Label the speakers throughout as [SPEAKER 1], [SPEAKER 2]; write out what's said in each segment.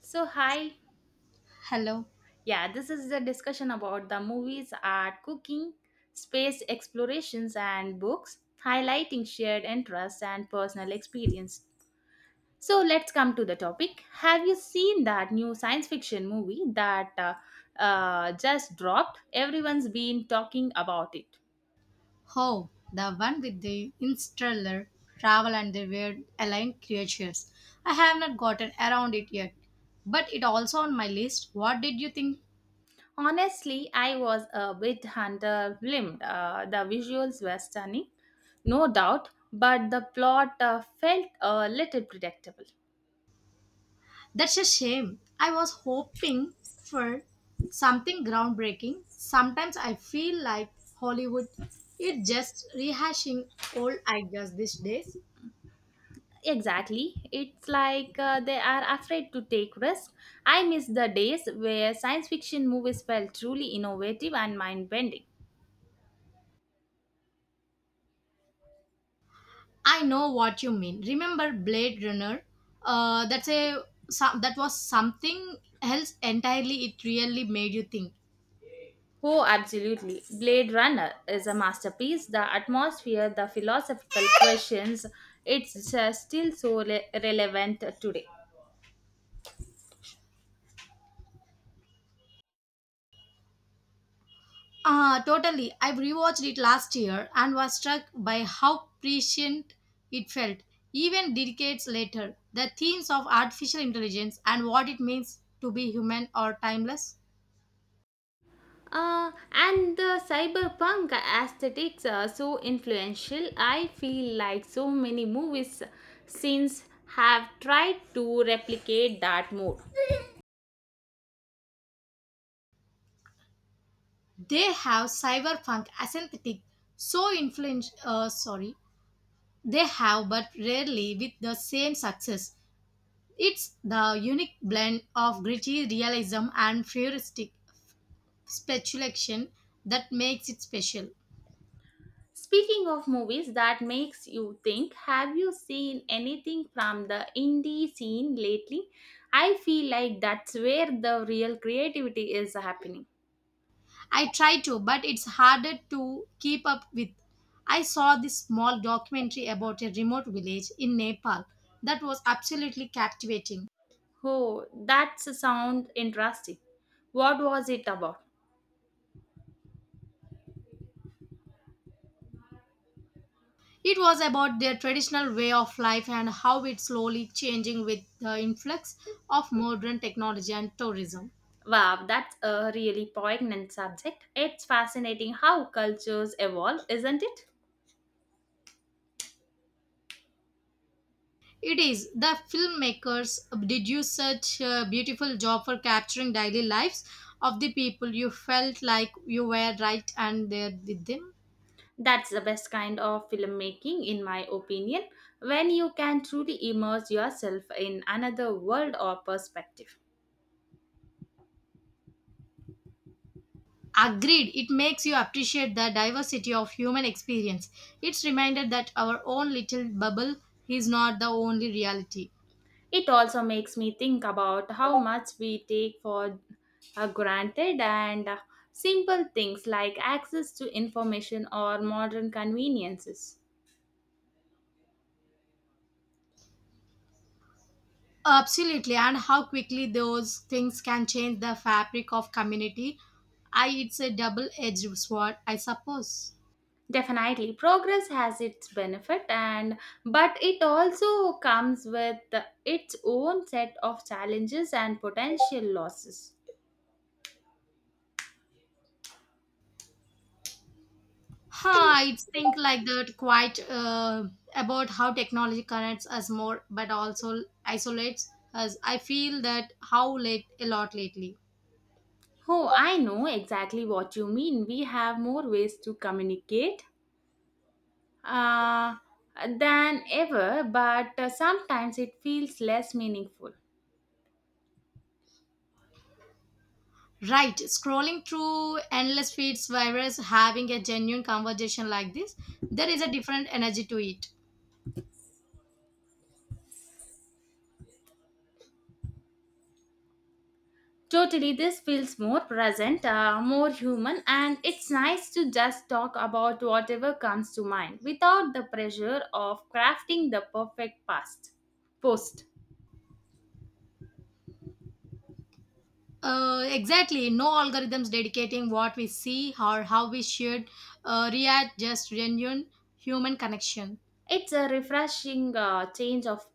[SPEAKER 1] So, hi.
[SPEAKER 2] Hello.
[SPEAKER 1] Yeah, this is the discussion about the movies, art, cooking, space explorations, and books, highlighting shared interests and personal experience. So, let's come to the topic. Have you seen that new science fiction movie that just dropped? Everyone's been talking about it.
[SPEAKER 2] Oh, the one with the interstellar travel and the weird alien creatures. I have not gotten around it yet, but it also on my list. What did you think?
[SPEAKER 1] Honestly, I was a bit underwhelmed. The visuals were stunning, no doubt, but the plot felt a little predictable.
[SPEAKER 2] That's a shame. I was hoping for something groundbreaking. Sometimes I feel like Hollywood is just rehashing old ideas these days.
[SPEAKER 1] Exactly. It's like they are afraid to take risks. I miss the days where science fiction movies felt truly innovative and mind bending.
[SPEAKER 2] I know what you mean. Remember Blade Runner? Uh, that's a that was something else entirely. It really made you think.
[SPEAKER 1] Oh, absolutely. Blade Runner is a masterpiece. The atmosphere, the philosophical questions, it's still so relevant today.
[SPEAKER 2] Totally. I rewatched it last year and was struck by how prescient it felt. Even decades later, the themes of artificial intelligence and what it means to be human are timeless.
[SPEAKER 1] And the cyberpunk aesthetics are so influential. I feel like so many movies since have tried to replicate that mode.
[SPEAKER 2] They have cyberpunk aesthetic so influence. Sorry, they have, but rarely with the same success. It's the unique blend of gritty realism and futuristic speculation that makes it special.
[SPEAKER 1] Speaking of movies that makes you think, have you seen anything from the indie scene lately? I feel like that's where the real creativity is happening.
[SPEAKER 2] I try to, but it's harder to keep up with. I saw this small documentary about a remote village in Nepal that was absolutely captivating.
[SPEAKER 1] Oh, that sounds interesting. What was it about?
[SPEAKER 2] It was about their traditional way of life and how it's slowly changing with the influx of modern technology and tourism.
[SPEAKER 1] Wow, that's a really poignant subject. It's fascinating how cultures evolve, isn't it?
[SPEAKER 2] It is. The filmmakers did you such a beautiful job for capturing daily lives of the people. You felt like you were right and there with them.
[SPEAKER 1] That's the best kind of filmmaking, in my opinion, when you can truly immerse yourself in another world or perspective.
[SPEAKER 2] Agreed. It makes you appreciate the diversity of human experience. It's reminded that our own little bubble is not the only reality.
[SPEAKER 1] It also makes me think about how much we take for granted and simple things like access to information or modern conveniences.
[SPEAKER 2] Absolutely. And how quickly those things can change the fabric of community. I It's a double edged sword, I suppose.
[SPEAKER 1] Definitely, progress has its benefit, and but it also comes with its own set of challenges and potential losses.
[SPEAKER 2] I think like that quite about how technology connects us more but also isolates us. I feel that how late a lot lately.
[SPEAKER 1] Oh, I know exactly what you mean. We have more ways to communicate uh, than ever, but sometimes it feels less meaningful.
[SPEAKER 2] Right, scrolling through endless feeds whereas having a genuine conversation like this, there is a different energy to it.
[SPEAKER 1] Totally, this feels more present, more human, and it's nice to just talk about whatever comes to mind without the pressure of crafting the perfect past post.
[SPEAKER 2] Exactly, no algorithms dedicating what we see or how we should react, just genuine human connection.
[SPEAKER 1] It's a refreshing change of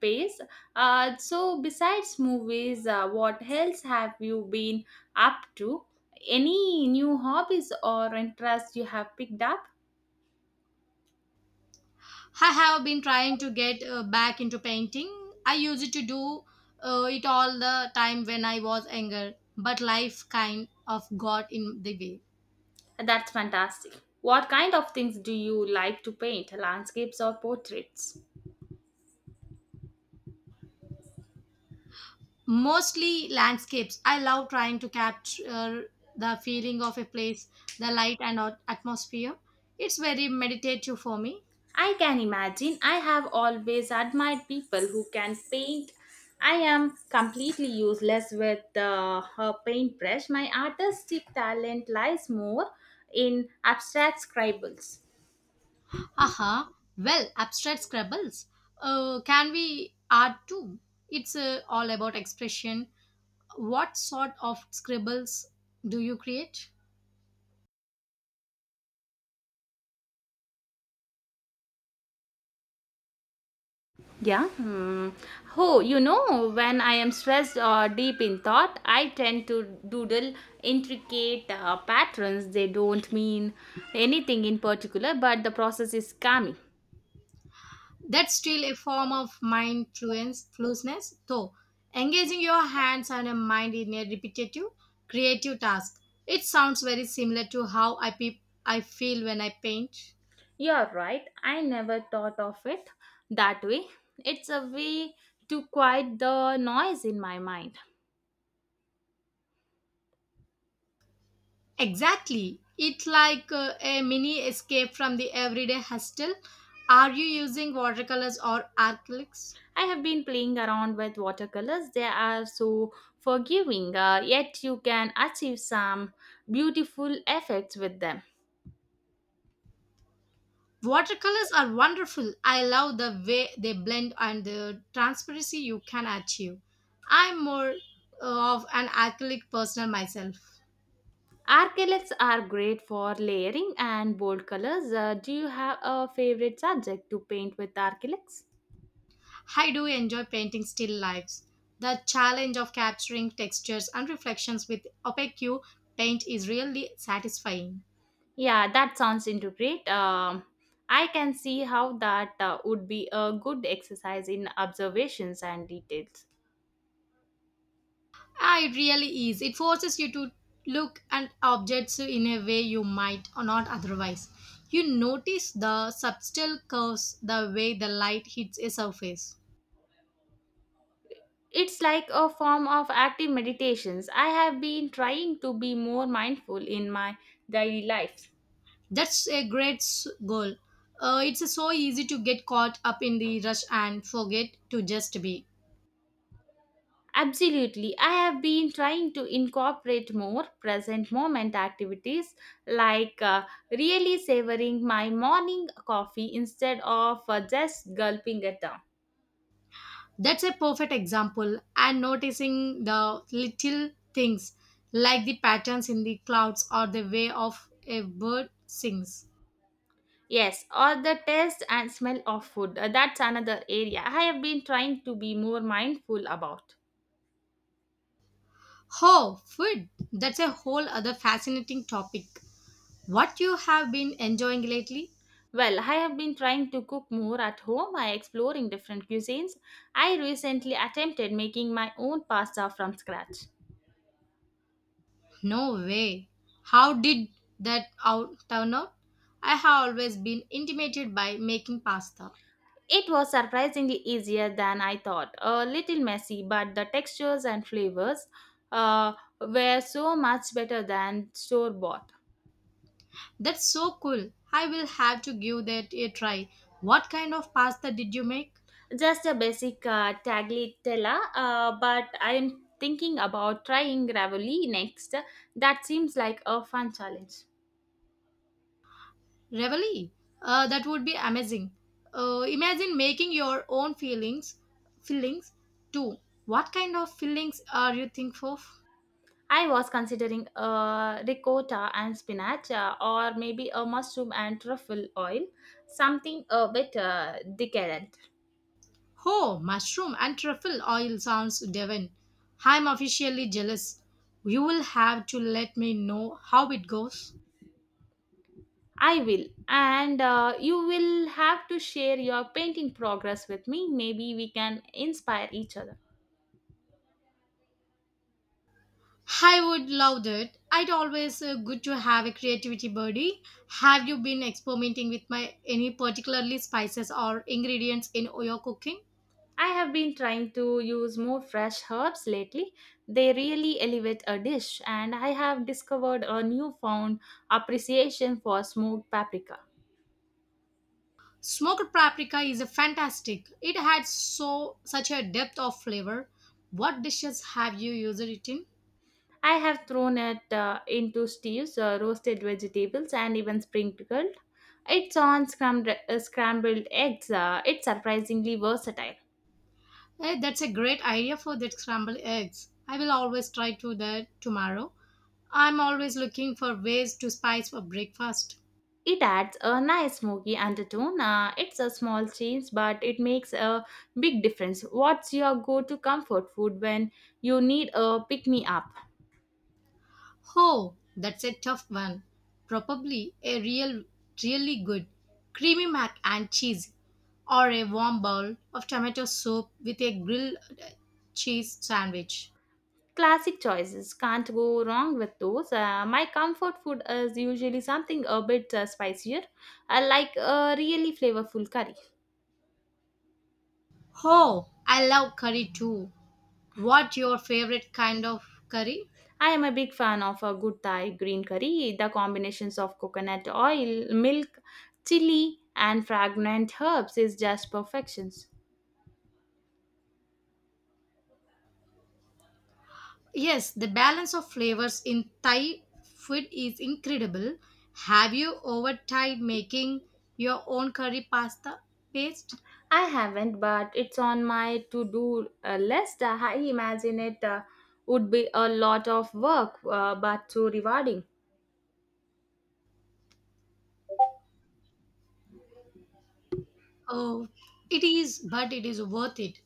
[SPEAKER 1] pace. So, besides movies, what else have you been up to? Any new hobbies or interests you have picked up?
[SPEAKER 2] I have been trying to get back into painting. I used to do it all the time when I was younger, but life kind of got in the way.
[SPEAKER 1] That's fantastic. What kind of things do you like to paint, landscapes or portraits?
[SPEAKER 2] Mostly landscapes. I love trying to capture the feeling of a place, the light and atmosphere. It's very meditative for me.
[SPEAKER 1] I can imagine. I have always admired people who can paint. I am completely useless with a paintbrush. My artistic talent lies more in abstract scribbles.
[SPEAKER 2] Haha. Well, abstract scribbles. Can we art too? It's all about expression. What sort of scribbles do you create?
[SPEAKER 1] Yeah. Hmm. Oh, you know, when I am stressed or deep in thought, I tend to doodle intricate patterns. They don't mean anything in particular, but the process is calming.
[SPEAKER 2] That's still a form of flueness, though. Engaging your hands and a mind in a repetitive, creative task. It sounds very similar to I feel when I paint.
[SPEAKER 1] You're right. I never thought of it that way. It's a way to quiet the noise in my mind.
[SPEAKER 2] Exactly. It like a mini escape from the everyday hustle. Are you using watercolors or acrylics?
[SPEAKER 1] I have been playing around with watercolors. They are so forgiving, yet you can achieve some beautiful effects with them.
[SPEAKER 2] Watercolors are wonderful. I love the way they blend and the transparency you can achieve. I'm more of an acrylic person myself.
[SPEAKER 1] Acrylics are great for layering and bold colors. Do you have a favorite subject to paint with acrylics?
[SPEAKER 2] I do enjoy painting still lives. The challenge of capturing textures and reflections with opaque paint is really satisfying.
[SPEAKER 1] Yeah, that sounds into great. I can see how that would be a good exercise in observations and details.
[SPEAKER 2] Ah, it really is. It forces you to look at objects in a way you might or not otherwise. You notice the subtle curves, the way the light hits a surface.
[SPEAKER 1] It's like a form of active meditations. I have been trying to be more mindful in my daily life.
[SPEAKER 2] That's a great s- goal. It's so easy to get caught up in the rush and forget to just be.
[SPEAKER 1] Absolutely. I have been trying to incorporate more present moment activities like really savoring my morning coffee instead of just gulping it down.
[SPEAKER 2] That's a perfect example. And noticing the little things like the patterns in the clouds or the way of a bird sings.
[SPEAKER 1] Yes, or the taste and smell of food. That's another area I have been trying to be more mindful about.
[SPEAKER 2] Oh, food! That's a whole other fascinating topic. What you have been enjoying lately?
[SPEAKER 1] Well, I have been trying to cook more at home by exploring different cuisines. I recently attempted making my own pasta from scratch.
[SPEAKER 2] No way. How did that out turn out? I have always been intimidated by making pasta.
[SPEAKER 1] It was surprisingly easier than I thought. A little messy, but the textures and flavors uh, were so much better than store bought.
[SPEAKER 2] That's so cool. I will have to give that a try. What kind of pasta did you make?
[SPEAKER 1] Just a basic tagliatella, but I'm thinking about trying ravioli next. That seems like a fun challenge.
[SPEAKER 2] Ravioli. That would be amazing. Imagine making your own fillings too. What kind of fillings are you thinking of?
[SPEAKER 1] I was considering a ricotta and spinach, or maybe a mushroom and truffle oil, something a bit decadent.
[SPEAKER 2] Ho, mushroom and truffle oil sounds divine. I'm officially jealous. You will have to let me know how it goes.
[SPEAKER 1] I will. And you will have to share your painting progress with me. Maybe we can inspire each other.
[SPEAKER 2] I would love that. It always good to have a creativity buddy. Have you been experimenting with my any particularly spices or ingredients in your cooking?
[SPEAKER 1] I have been trying to use more fresh herbs lately. They really elevate a dish, and I have discovered a newfound appreciation for smoked paprika.
[SPEAKER 2] Smoked paprika is a fantastic. It had so such a depth of flavor. What dishes have you used it in?
[SPEAKER 1] I have thrown it into stews, roasted vegetables, and even sprinkled. It's on scrambled eggs. It's surprisingly versatile.
[SPEAKER 2] Hey, that's a great idea for that scrambled eggs. I will always try to that tomorrow. I'm always looking for ways to spice up breakfast.
[SPEAKER 1] It adds a nice smoky undertone. It's a small change, but it makes a big difference. What's your go to comfort food when you need a pick me up?
[SPEAKER 2] Oh, that's a tough one. Probably a really good creamy mac and cheese, or a warm bowl of tomato soup with a grilled cheese sandwich.
[SPEAKER 1] Classic choices. Can't go wrong with those. My comfort food is usually something a bit spicier. I like a really flavorful curry.
[SPEAKER 2] Oh, I love curry too. What your favorite kind of curry?
[SPEAKER 1] I am a big fan of a good Thai green curry. The combinations of coconut oil, milk, chili, and fragrant herbs is just perfection.
[SPEAKER 2] Yes, the balance of flavors in Thai food is incredible. Have you ever tried making your own curry pasta paste?
[SPEAKER 1] I haven't, but it's on my to do list. I imagine it would be a lot of work, but so rewarding.
[SPEAKER 2] Oh, it is, but it is worth it.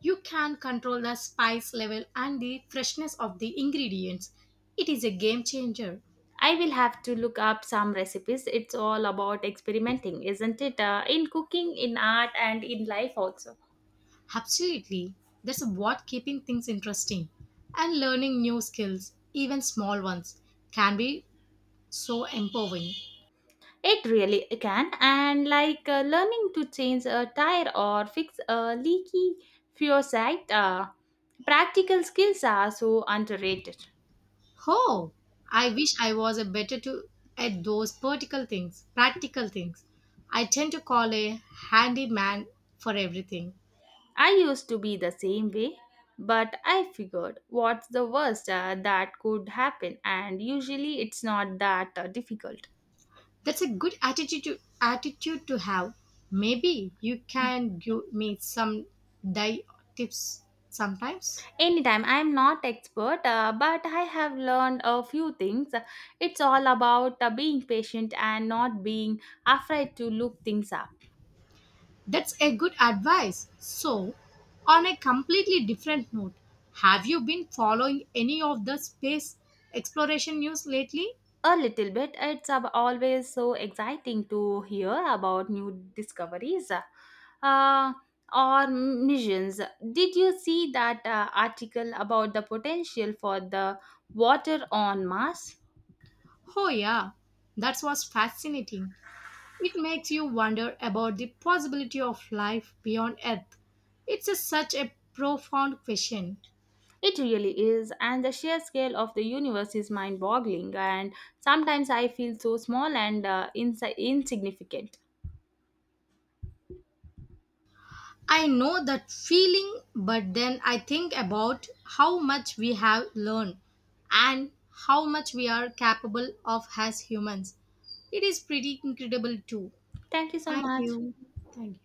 [SPEAKER 2] You can control the spice level and the freshness of the ingredients. It is a game changer.
[SPEAKER 1] I will have to look up some recipes. It's all about experimenting, isn't it? In cooking, in art, and in life also.
[SPEAKER 2] Absolutely. That's what keeping things interesting and learning new skills, even small ones, can be so empowering.
[SPEAKER 1] It really can. And like learning to change a tire or fix a leaky fuel site, practical skills are so underrated.
[SPEAKER 2] Oh, I wish I was a better to at those Practical things. I tend to call a handyman for everything.
[SPEAKER 1] I used to be the same way, but I figured what's the worst that could happen, and usually it's not that difficult.
[SPEAKER 2] That's a good attitude to, attitude to have. Maybe you can give me some die tips sometimes.
[SPEAKER 1] Anytime, I'm not expert, but I have learned a few things. It's all about being patient and not being afraid to look things up.
[SPEAKER 2] That's a good advice. So, on a completely different note, have you been following any of the space exploration news lately?
[SPEAKER 1] A little bit. It's always so exciting to hear about new discoveries uh, or missions. Did you see that article about the potential for the water on Mars?
[SPEAKER 2] Oh yeah, that was fascinating. It makes you wonder about the possibility of life beyond Earth. Such a profound question.
[SPEAKER 1] It really is, and the sheer scale of the universe is mind boggling. And sometimes I feel so small and insignificant.
[SPEAKER 2] I know that feeling, but then I think about how much we have learned and how much we are capable of as humans. It is pretty incredible, too.
[SPEAKER 1] Thank you so
[SPEAKER 2] Thank
[SPEAKER 1] much.
[SPEAKER 2] you. Thank you.